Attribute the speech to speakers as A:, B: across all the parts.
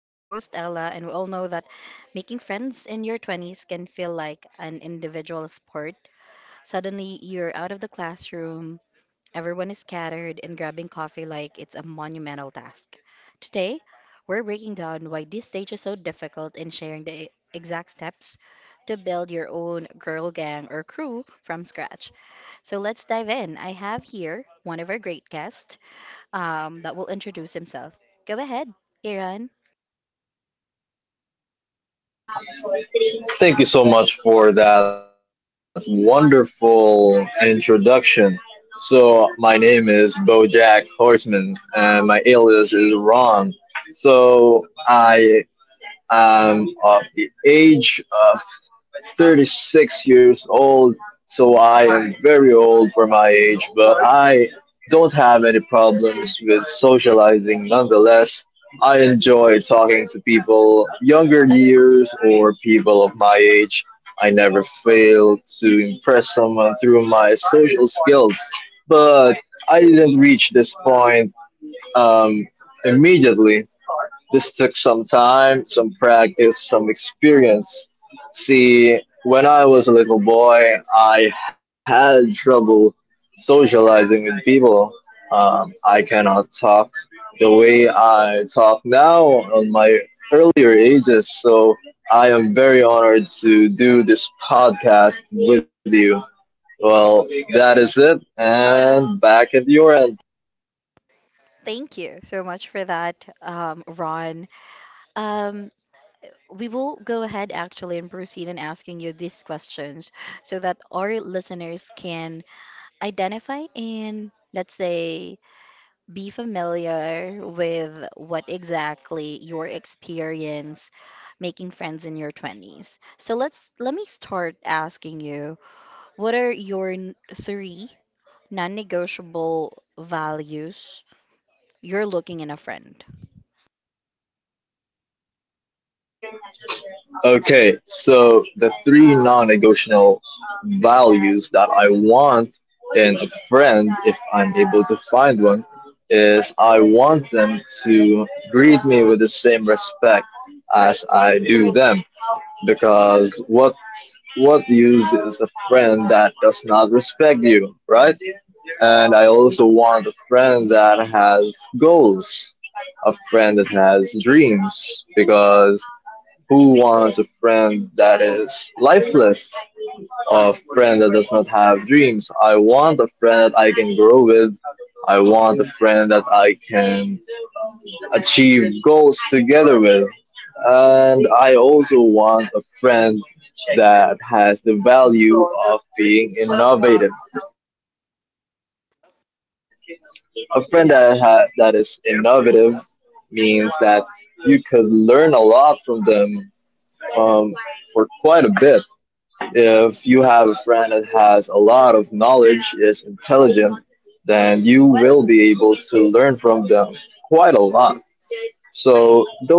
A: I'm your host, Ella, and we all know that making friends in your 20s can feel like an individual sport. Suddenly, you're out of the classroom, everyone is scattered, and grabbing coffee like it's a monumental task. Today, we're breaking down why this stage is so difficult and sharing the exact steps to build your own girl gang or crew from scratch. So let's dive in. I have here one of our great guests, that will introduce himself. Go ahead, Aaron.
B: Thank you so much for that wonderful introduction. So, my name is Bojack Horseman, and my alias is Ron. So, I am of the age of 36 years old, so I am very old for my age, but I don't have any problems with socializing nonetheless. I enjoy talking to people younger years or people of my age. I never fail to impress someone through my social skills, but I didn't reach this point um, immediately. This took some time, some practice, some experience. See, when I was a little boy, I had trouble socializing with people. I cannot talk the way I talk now on my earlier ages, so I am very honored to do this podcast with you. Well, that is it, and back at your end.
A: Thank you so much for that, Ron. Um, we will go ahead actually and proceed in asking you these questions so that our listeners can identify and, let's say, be familiar with what exactly your experience making friends in your 20s. So let me start asking you, what are your three non-negotiable values you're looking in a friend.
B: Okay, so the three non-negotiable values that I want in a friend, if I'm able to find one, is I want them to greet me with the same respect as I do them. Because what use is a friend that does not respect you, right? And I also want a friend that has goals, a friend that has dreams, because who wants a friend that is lifeless, a friend that does not have dreams? I want a friend that I can grow with. I want a friend that I can achieve goals together with. And I also want a friend that has the value of being innovative. A friend that is innovative means that you could learn a lot from them um, for quite a bit. If you have a friend that has a lot of knowledge, is intelligent, then you will be able to learn from them quite a lot.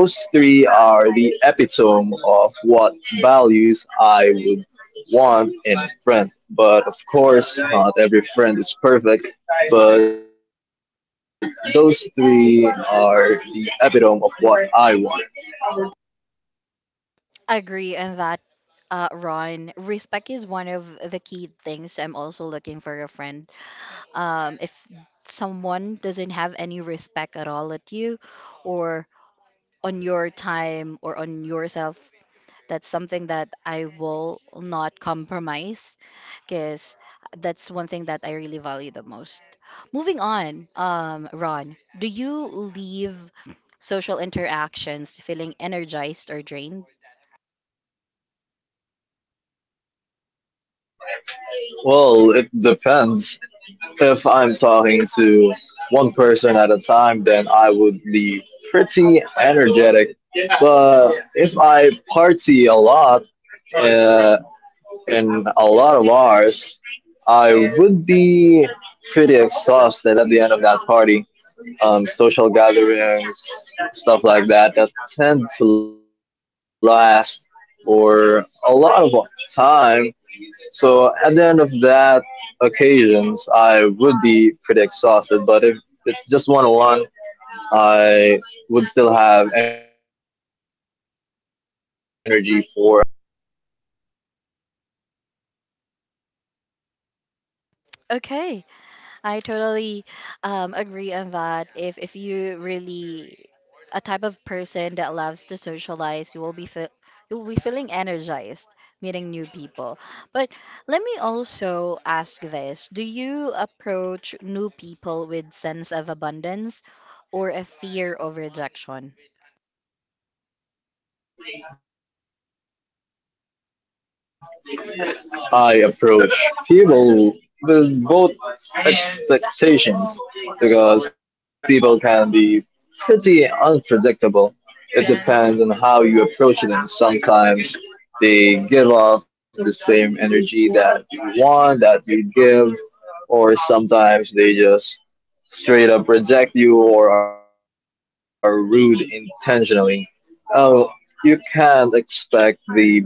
B: So, those three are the epitome of what values I would want in a friend. But of course, not every friend is perfect, but those three are the epitome of what I want.
A: Agree on that, Ron. Respect is one of the key things I'm also looking for a friend. If someone doesn't have any respect at all at you, or on your time or on yourself, that's something that I will not compromise, because that's one thing that I really value the most. Moving on, Ron, do you leave social interactions feeling energized or drained?
B: Well, it depends. If I'm talking to one person at a time, then I would be pretty energetic, but if I party a lot uh, in a lot of bars, I would be pretty exhausted at the end of that party. Social gatherings, stuff like that, that tend to last for a lot of time. So at the end of that occasions, I would be pretty exhausted. But if it's just one on one, I would still have energy for another conversation. Yeah.
A: Okay. I totally agree on that. If you really a type of person that loves to socialize, you will be fe you'll be feeling energized meeting new people. But let me also ask this: do you approach new people with sense of abundance or a fear of rejection?
B: I approach people with both expectations because people can be pretty unpredictable. It depends on how you approach them. Sometimes they give off the same energy that you want, that you give, or sometimes they just straight up reject you or are rude intentionally. um, you can't expect the best results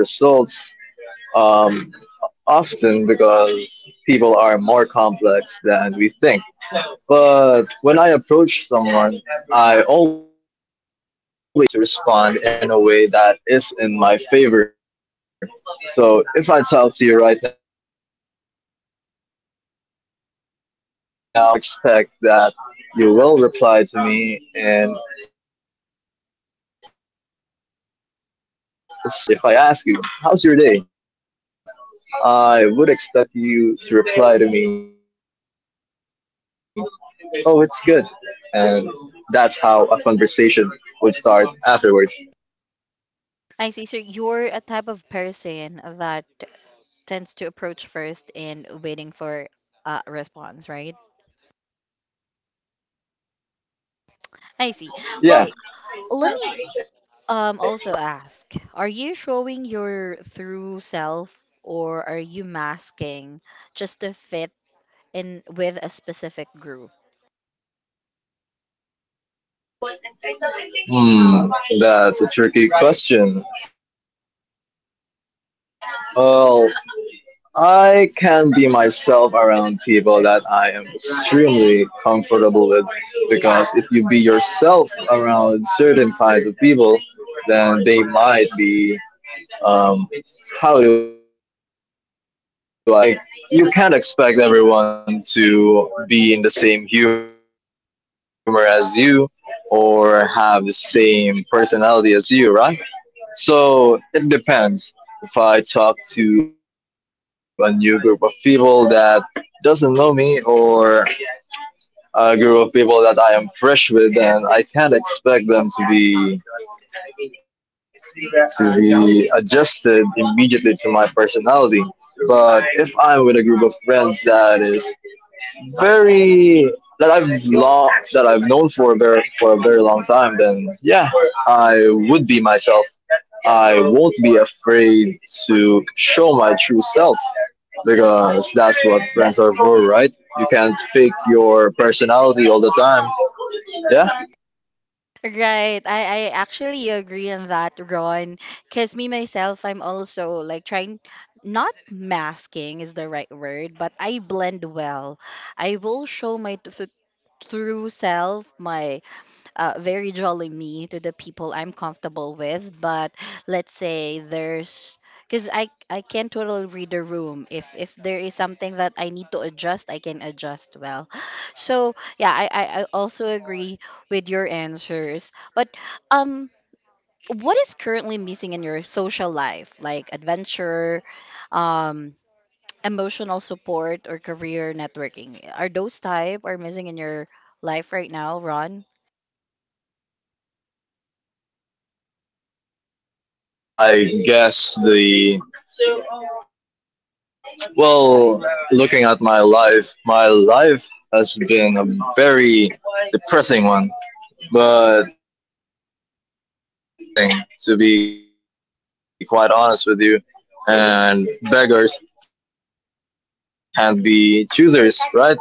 B: um, often because people are more complex than we think. But when I approach someone, I always have the mentality that they would be able to respond in a way that is in my favor. So if I tell to you right now, I want you, or excuse me, I want to expect that you will reply to me in the same vibe that I will give you. So if I tell you, or if I ask you, how's your day? I would expect you to reply to me, oh, it's good. And that's how a conversation would start afterwards.
A: I see. So you're a type of person that tends to approach first and waiting for a response, right? I see.
B: Yeah.
A: Well, let me also ask, are you showing your true self or are you masking just to fit in with a specific group?
B: Hmm, that's a tricky question. Well, I can be myself around people that I am extremely comfortable with because if you be yourself around certain kinds of people, then they might be, um, how do I phrase this, turned off, like, you can't expect everyone to be in the same humor as you or have the same personality as you, right? So it depends. If I talk to a new group of people that doesn't know me or a group of people that I am fresh with, and I can't expect them to be adjusted immediately to my personality. But if I'm with a group of friends that is very, that I've known for a very long time, then yeah, I would be myself. I won't be afraid to show my true self because that's what friends are for, right? You can't fake your personality all the time. Yeah.
A: Right. I actually agree on that, Ron. Because me myself, I'm also like trying, not masking is the right word, but I blend well. I will show my true self, my very jolly me to the people I'm comfortable with. But let's say there's because I can totally read the room. If there is something that I need to adjust, I can adjust well. So yeah, I also agree with your answers. But um, what is currently missing in your social life, like adventure, um, emotional support, or career networking? Are those type are missing in your life right now, Ron?
B: Hmm. I guess the well, looking at my life has been a very depressing one. But a lot of things in my social life is missing. To be quite honest with you, and beggars can be choosers, right?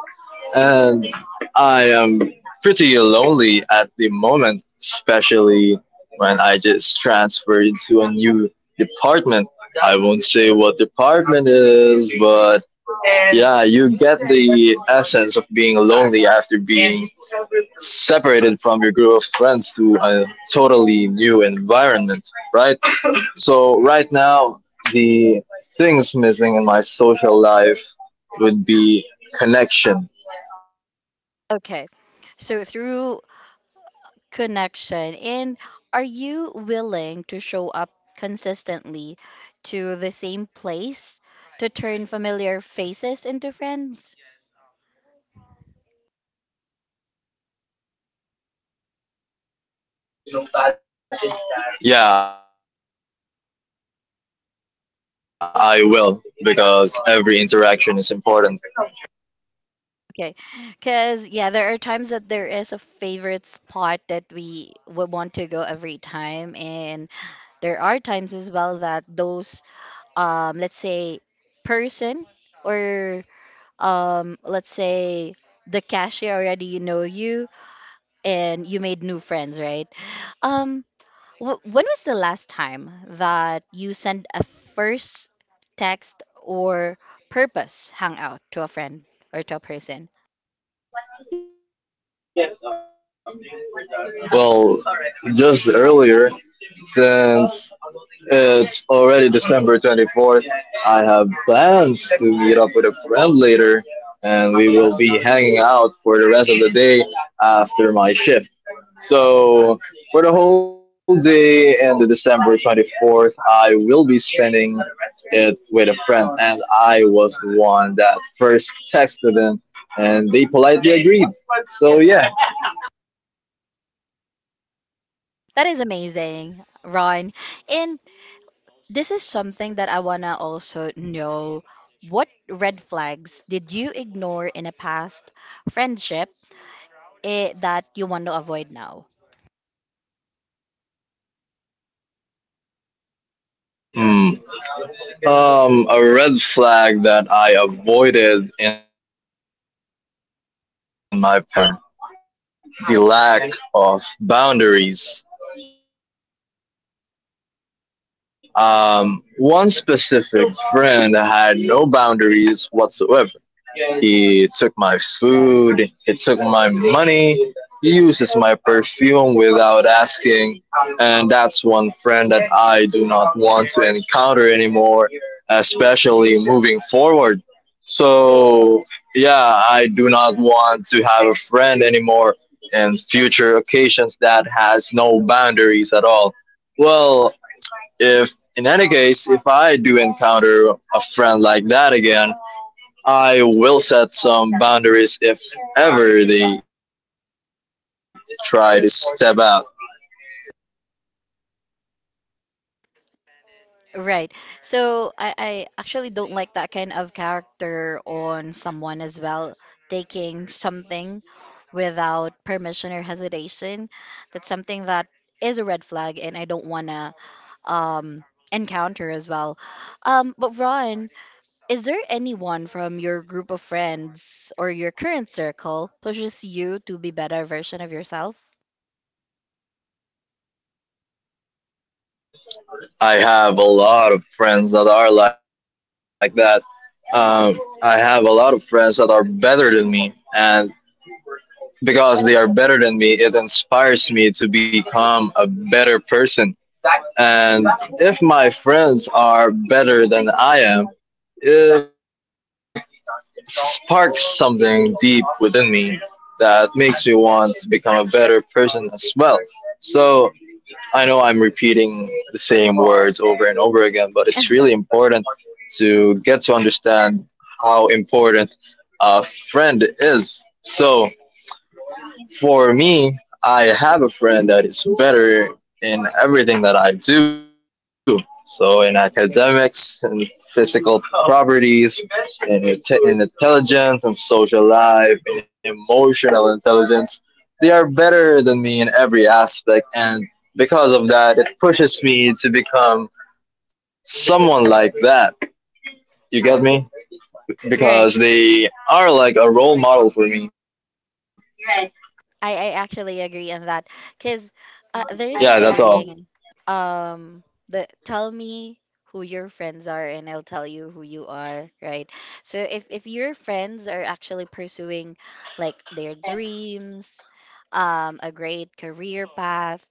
B: And I am pretty lonely at the moment, especially when I just transferred to a new department. I won't say what department is, but yeah, you get the essence of being lonely after being separated from your group of friends to a totally new environment, right? So, right now, the things missing in my social life would be connection.
A: Okay. So through connection, and are you willing to show up consistently to the same place to turn familiar faces into friends?
B: Yeah, I will, because every interaction is important.
A: Okay. Because, yeah, there are times that there is a favorite spot that we would want to go every time. And there are times as well that those, let's say, person, or let's say the cashier already know you and you made new friends, right? Um, when was the last time that you sent a first text or purpose hangout to a friend or to a person?
B: Well, just earlier, since it's already December 24th, I have plans to meet up with a friend later, and we will be hanging out for the rest of the day after my shift. So, for the whole day and the December 24th, I will be spending it with a friend, and I was the one that first texted them, and they politely agreed. So, yeah.
A: That is amazing, Ron. And this is something that I wanna also know. What red flags did you ignore in a past friendship, that you want to avoid now?
B: Hmm. A red flag that I avoided in my past relationship was, let's see here, the lack of boundaries. One specific friend had no boundaries whatsoever. He took my food, he took my money, he uses my perfume without asking, and that's one friend that I do not want to encounter anymore, especially moving forward. So, yeah, I do not want to have a friend anymore and future occasions that has no boundaries at all. Well, if in any case, if I do encounter a friend like that again, I will set some boundaries if ever they try to step out.
A: Right. So I actually don't like that kind of character on someone as well, taking something without permission or hesitation. That's something that is a red flag and I don't wanna um encounter as well. But Ron, is there anyone from your group of friends or your current circle pushes you to be better version of yourself?
B: I have a lot of friends that are like that. I have a lot of friends that are better than me, and because they are better than me, it inspires me to become a better person. And if my friends are better than I am, it sparks something deep within me that makes me want to become a better person as well. So I know I'm repeating the same words over and over again, but it's really important to get to understand how important a friend is. So for me, I have a friend that is better in everything that I do. So in academics, in physical properties, in intelligence and social life, in emotional intelligence, they are better than me in every aspect. And because of that, it pushes me to become someone like that. You get me? Because
A: Right.
B: they are like a role model for me.
A: I actually agree on that because there is a
B: Yeah, that's all.
A: saying, um, that tell me who your friends are and I'll tell you who you are, right? So if your friends are actually pursuing like their dreams, a great career path,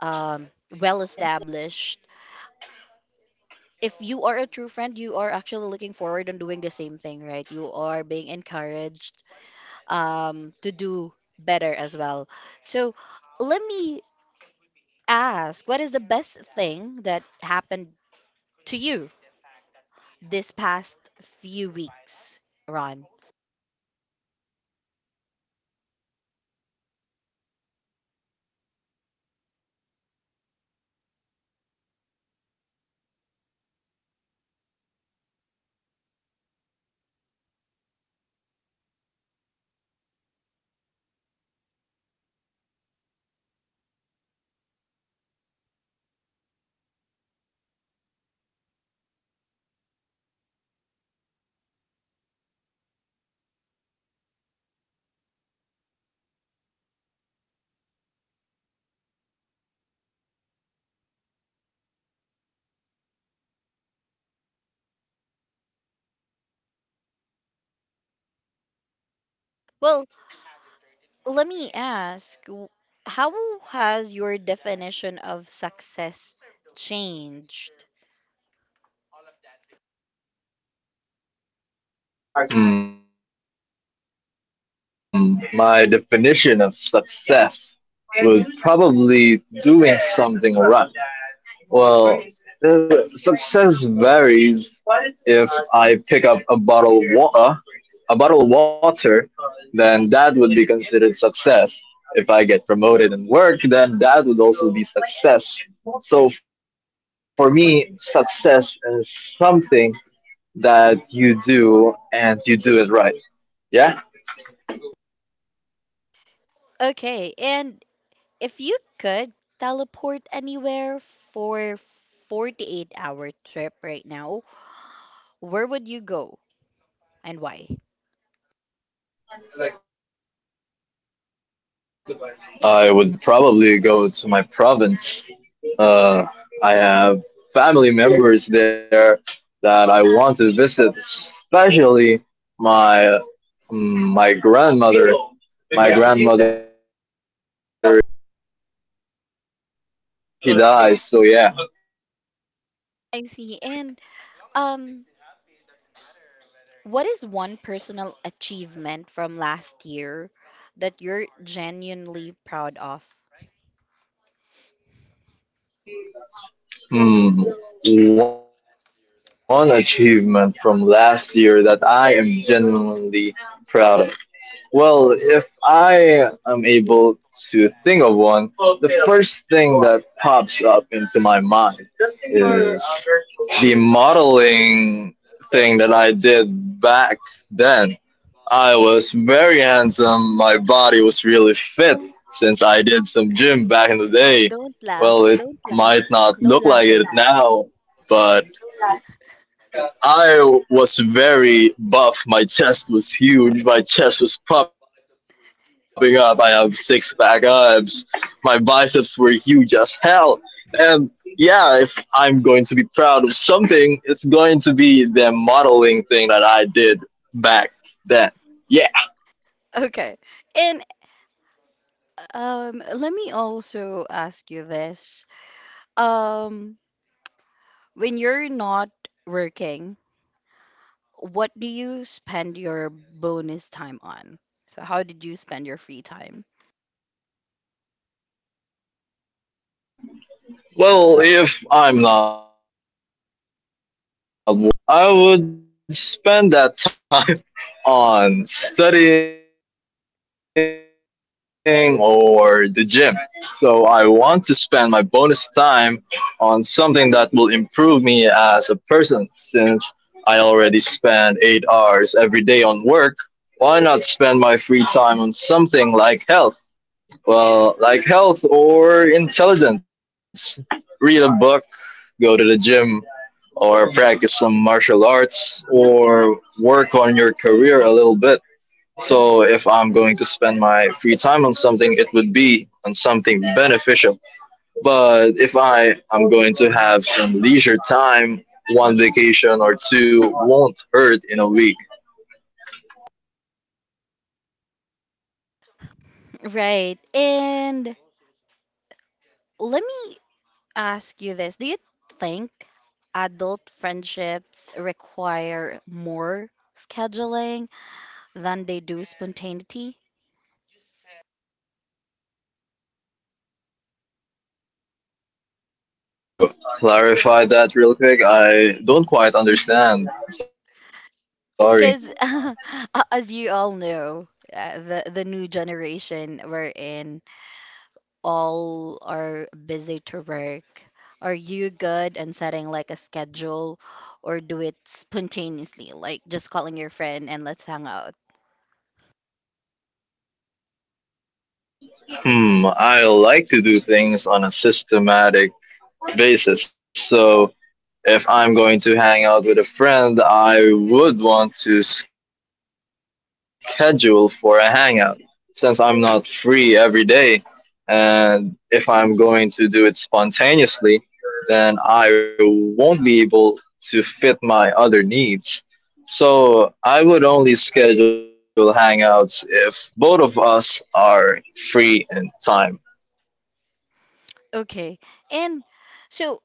A: um, well established. If you are a true friend, you are actually looking forward on doing the same thing, right? You are being encouraged to do better as well. So let me ask, what is the best thing that happened to you this past few weeks, Ron?
B: Hmm, let's see. So the best thing that happened to me this week is probably a promotion in work. My salary went up by 2,000, and because of that, I was switched to a different department, like I've said earlier, new friends, new people to encounter with. That's probably the best thing that happened to me in the past few weeks. I've also met a friend that has supported me since the beginning, and I am very glad that they are within the department
A: Well,
B: with me right now.
A: let me ask how has your definition of success changed?
B: Hmm, my definition of success would probably doing something right. Well, success varies. If I pick up a bottle of water, a bottle of water, then that would be considered success. If I get promoted in work, then that would also be success. So for me, success is something that you do and you do it right. Yeah,
A: Okay, and if you could teleport anywhere for 48-hour trip right now, where would you go and why?
B: I would probably go to my province. Uh, I have family members there that I want to visit, especially my my grandmother. My grandmother is currently 150 years of age, and she dies. So yeah.
A: I see. And um what is one personal achievement from last year that you're genuinely proud of?
B: Hmm, one achievement from last year that I am genuinely proud of. Well, if I am able to think of one, the first thing that pops up into my mind is the modeling thing that I did back then. I was very handsome, my body was really fit since I did some gym back in the day.
A: Don't laugh.
B: Well,
A: Don't
B: it
A: laugh.
B: might
A: No
B: not look
A: laughing.
B: like it now, I was very buff. My chest was huge. My chest was popping up. I have six pack abs. My biceps were huge as hell. And yeah, if I'm going to be proud of something, it's going to be the modeling thing that I did back then. Yeah.
A: Okay. And let me also ask you this. Um, when you're not working, what do you spend your bonus time on? So, how did you spend your free time?
B: Well, if I'm not working and if I'm going to spend my free time on something, I would spend that time on studying or the gym. So I want to spend my bonus time on something that will improve me as a person since I already spend 8 hours every day on work. Why not spend my free time on something like health? Well, like health or intelligence. Read a book, go to the gym, or practice some martial arts, or work on your career a little bit. So if I'm going to spend my free time on something, it would be on something beneficial. But if I am going to have some leisure time, one vacation or two won't hurt in a week.
A: Right. And let ask you this. Do you think adult friendships require more scheduling than they do spontaneity?
B: Hmm, can you clarify that real quick? I don't quite understand. Sorry.
A: Because as you all know, the new generation we're in, all are busy to work. Are you good and setting like a schedule, or do it spontaneously, like just calling your friend and let's hang out?
B: Hmm, I like to do things on a systematic basis. So if I'm going to hang out with a friend, I would want to schedule for a hangout since I'm not free every day. And if I'm going to do it spontaneously, then I won't be able to fit my other needs. So I would only schedule hangouts if both of us are free in time.
A: Okay. And so,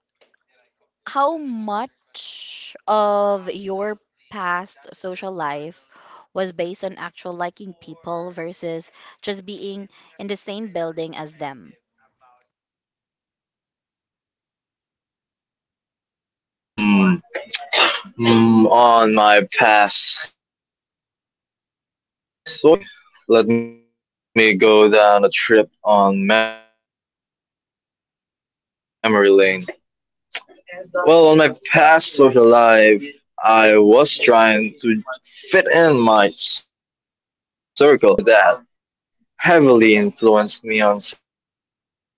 A: how much of your past social life was based on actual liking people versus just being in the same building as them?
B: Hmm. On my past social lives. Let's see. Let me go down a trip on memory lane. Well, on my past social life, I was trying to fit in my circle. I've had friends before that heavily influenced me on some things.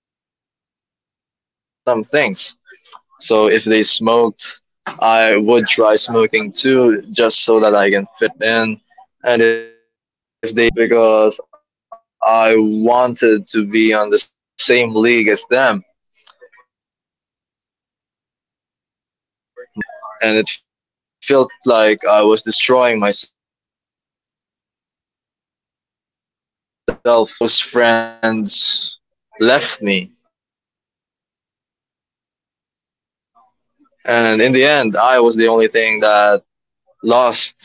B: So if they smoked, I would try smoking too, just so that I can fit in. And if they drink, I would also drink just to fit in because I wanted to be on the same league as them. And it's not really beneficial for me, and it felt like I was destroying myself. But in the end, those friends left me. And in the end, I was the only thing that lost something. Yeah.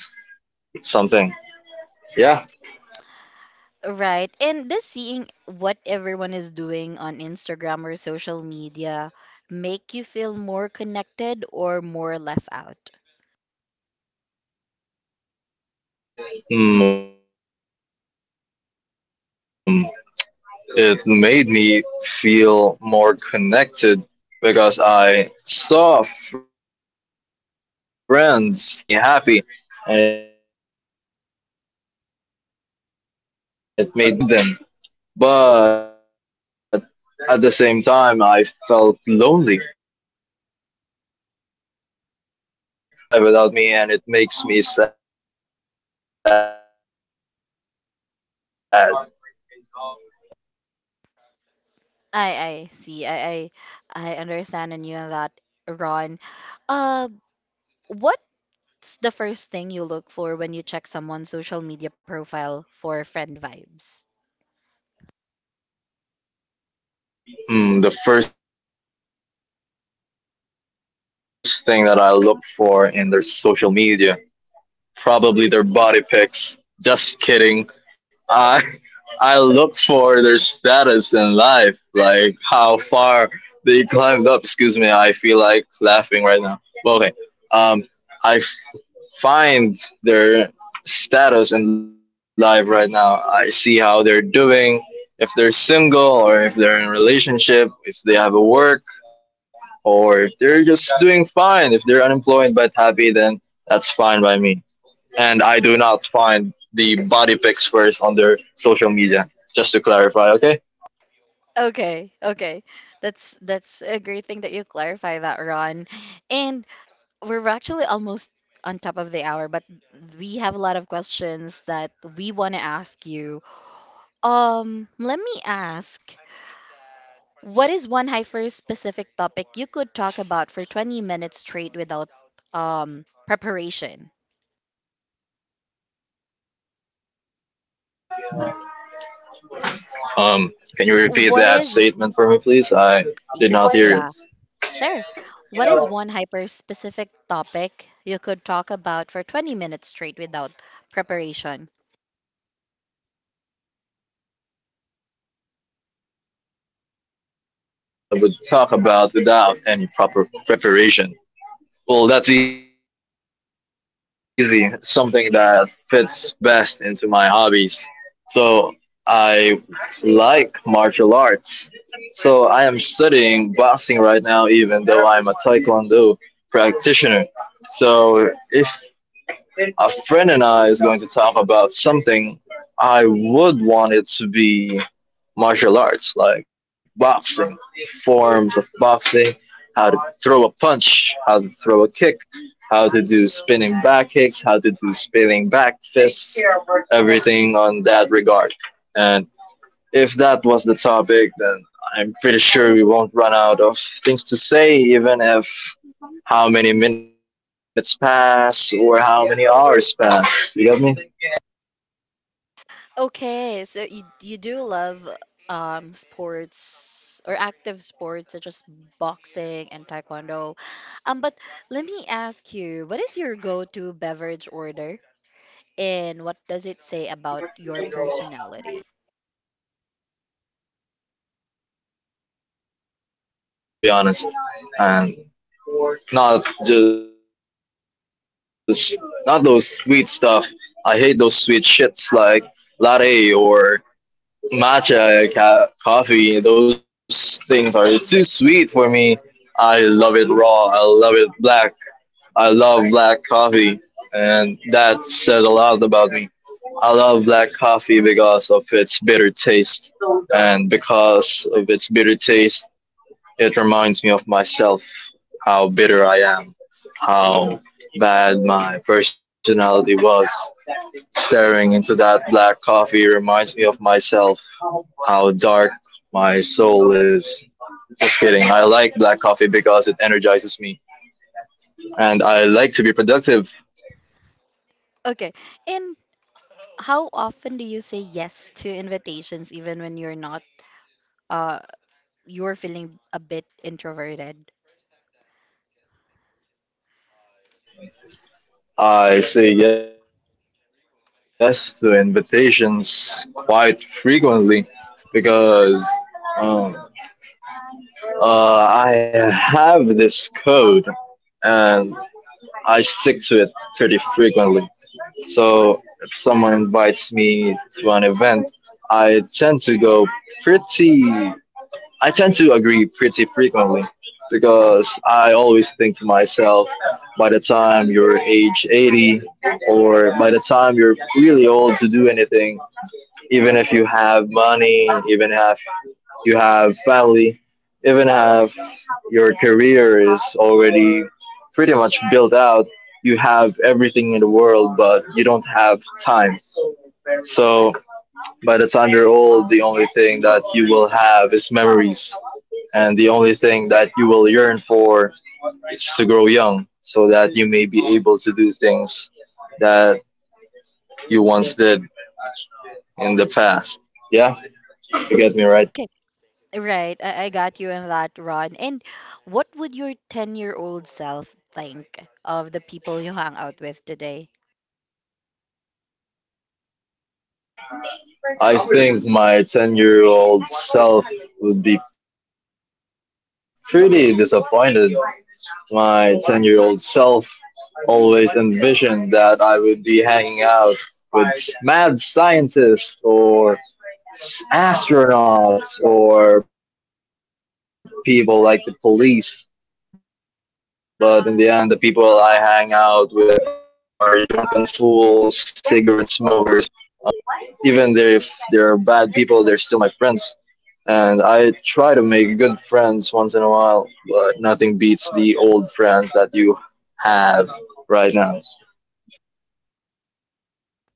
A: Right. And just seeing what everyone is doing on Instagram or social media make you feel more connected or more left out?
B: Mm, it made me feel more connected because I saw friends posting what they do in their day to day life, and it made me happy, and it made me feel a sense of connection to them, like I was with them. But at the same time, I felt lonely because they are having such a great life without me, and it makes me sad.
A: I see. I understand and you on that, Ron. Uh, what what's the first thing you look for when you check someone's social media profile for friend vibes?
B: Hmm, the first thing that I look for in their social media, probably their body pics. Just kidding. I I look for their status in life, like how far they climbed up. Excuse me, I feel like laughing right now. Okay. Um, I find their status in life right now. I see how they're doing, if they're single or if they're in a relationship, if they have a work, or if they're just doing fine, if they're unemployed but happy, then that's fine by me. And I do not find the body pics first on their social media. Just to clarify, okay?
A: Okay, okay. That's a great thing that you clarify that, Ron. And we're actually almost on top of the hour, but we have a lot of questions that we want to ask you. Let me ask, what is one hyper specific topic you could talk about for 20 minutes straight without preparation?
B: Can you repeat
A: What
B: that
A: is,
B: statement for me, please? I did not hear
A: yeah,
B: it.
A: sure. What is one hyper specific topic you could talk about for 20 minutes straight without preparation?
B: One hyper specific topic, I would talk about without any proper preparation. Well, that's easy. Something that fits best into my hobbies. So I like martial arts. So I am studying boxing right now, even though I'm a Taekwondo practitioner. So if a friend and I is going to talk about something, I would want it to be martial arts, like boxing, forms of boxing, how to throw a punch, how to throw a kick, how to do spinning back kicks, how to do spinning back fists, everything on that regard. And if that was the topic, then I'm pretty sure we won't run out of things to say, even if how many minutes pass or how many hours pass. You got me?
A: Okay, so you do love sports or active sports such as boxing and taekwondo. But let me ask you, what is your go-to beverage order and what does it say about your personality?
B: I love coffee, to be honest, and not just not those sweet stuff. I hate those sweet shits like latte or coffee. Those things are too sweet for me. I love it raw. I love it black. I love black coffee, and that says a lot about me. I love black coffee because of its bitter taste, and because of its bitter taste, it reminds me of myself, how bitter I am, how bad my personality was. Staring into that black coffee reminds me of myself, how dark my soul is. Just kidding. I like black coffee because it energizes me and I like to be productive.
A: Okay, and how often do you say yes to invitations even when you're not uh you're feeling a bit introverted.
B: I say yes to invitations quite frequently because Um, I have this code and I stick to it pretty frequently. So if someone invites me to an event, I tend to go pretty I tend to agree pretty frequently because I always think to myself, by the time you're age 80 or by the time you're really old to do anything, even if you have money, even if you have family, even if your career is already pretty much built out, you have everything in the world, but you don't have time. So by the time you're old, the only thing that you will have is memories, and the only thing that you will yearn for is to grow young, so that you may be able to do things that you once did in the past. Yeah, you get me right.
A: Okay, right. I got you in that, Ron. And what would your 10-year-old self think of the people you hang out with today?
B: I think my 10-year-old year old self would be pretty disappointed. My 10-year-old year old self always envisioned that I would be hanging out with mad scientists or astronauts or people like the police. But in the end, the people I hang out with are drunken fools, cigarette smokers, bad people, very bad people. But even there, if they're bad people, they're still my friends. And I try to make good friends once in a while, but nothing beats the old friends that you have right now.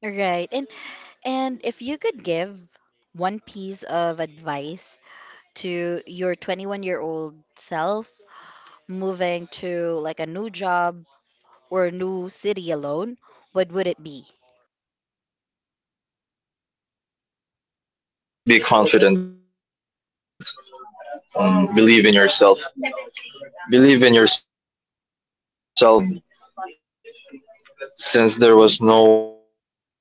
A: Right. And and if you could give one piece of advice to your 21-year-old self moving to like a new job or a new city alone, what would it be?
B: Be confident, believe in yourself. Believe in yourself because there was no one else to believe in you. And since there was no one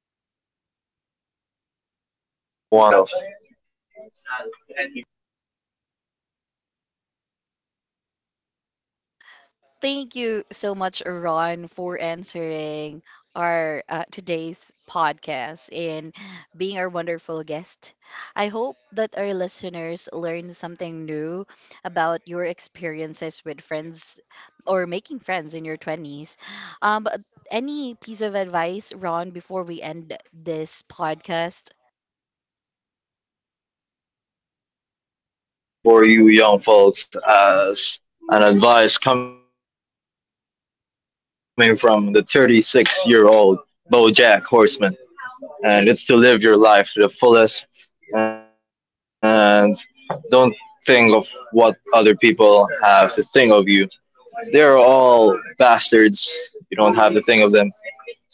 B: for you at that time, I want you to believe in yourself.
A: Thank you so much, Ron, for answering our today's podcast and being our wonderful guest. I hope that our listeners learned something new about your experiences with friends or making friends in your 20s. But any piece of advice, Ron, before we end this podcast?
B: One piece of advice for you young folks, as an advice coming from the 36-year-old year old Bojack Horseman, and it's to live your life to the fullest and don't think of what other people have to think of you. They're all bastards. You don't have to think of them.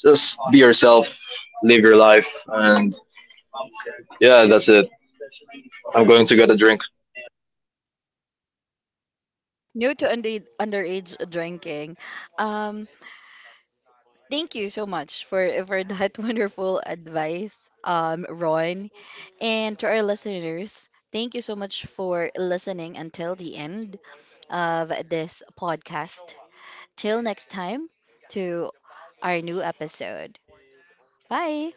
B: Just be yourself, live your life, and yeah, that's it. I'm going to get a drink.
A: New to underage drinking. Um, Thank you so much for that wonderful advice, Ron. And to our listeners, thank you so much for listening until the end of this podcast. Till next time to our new episode. Bye.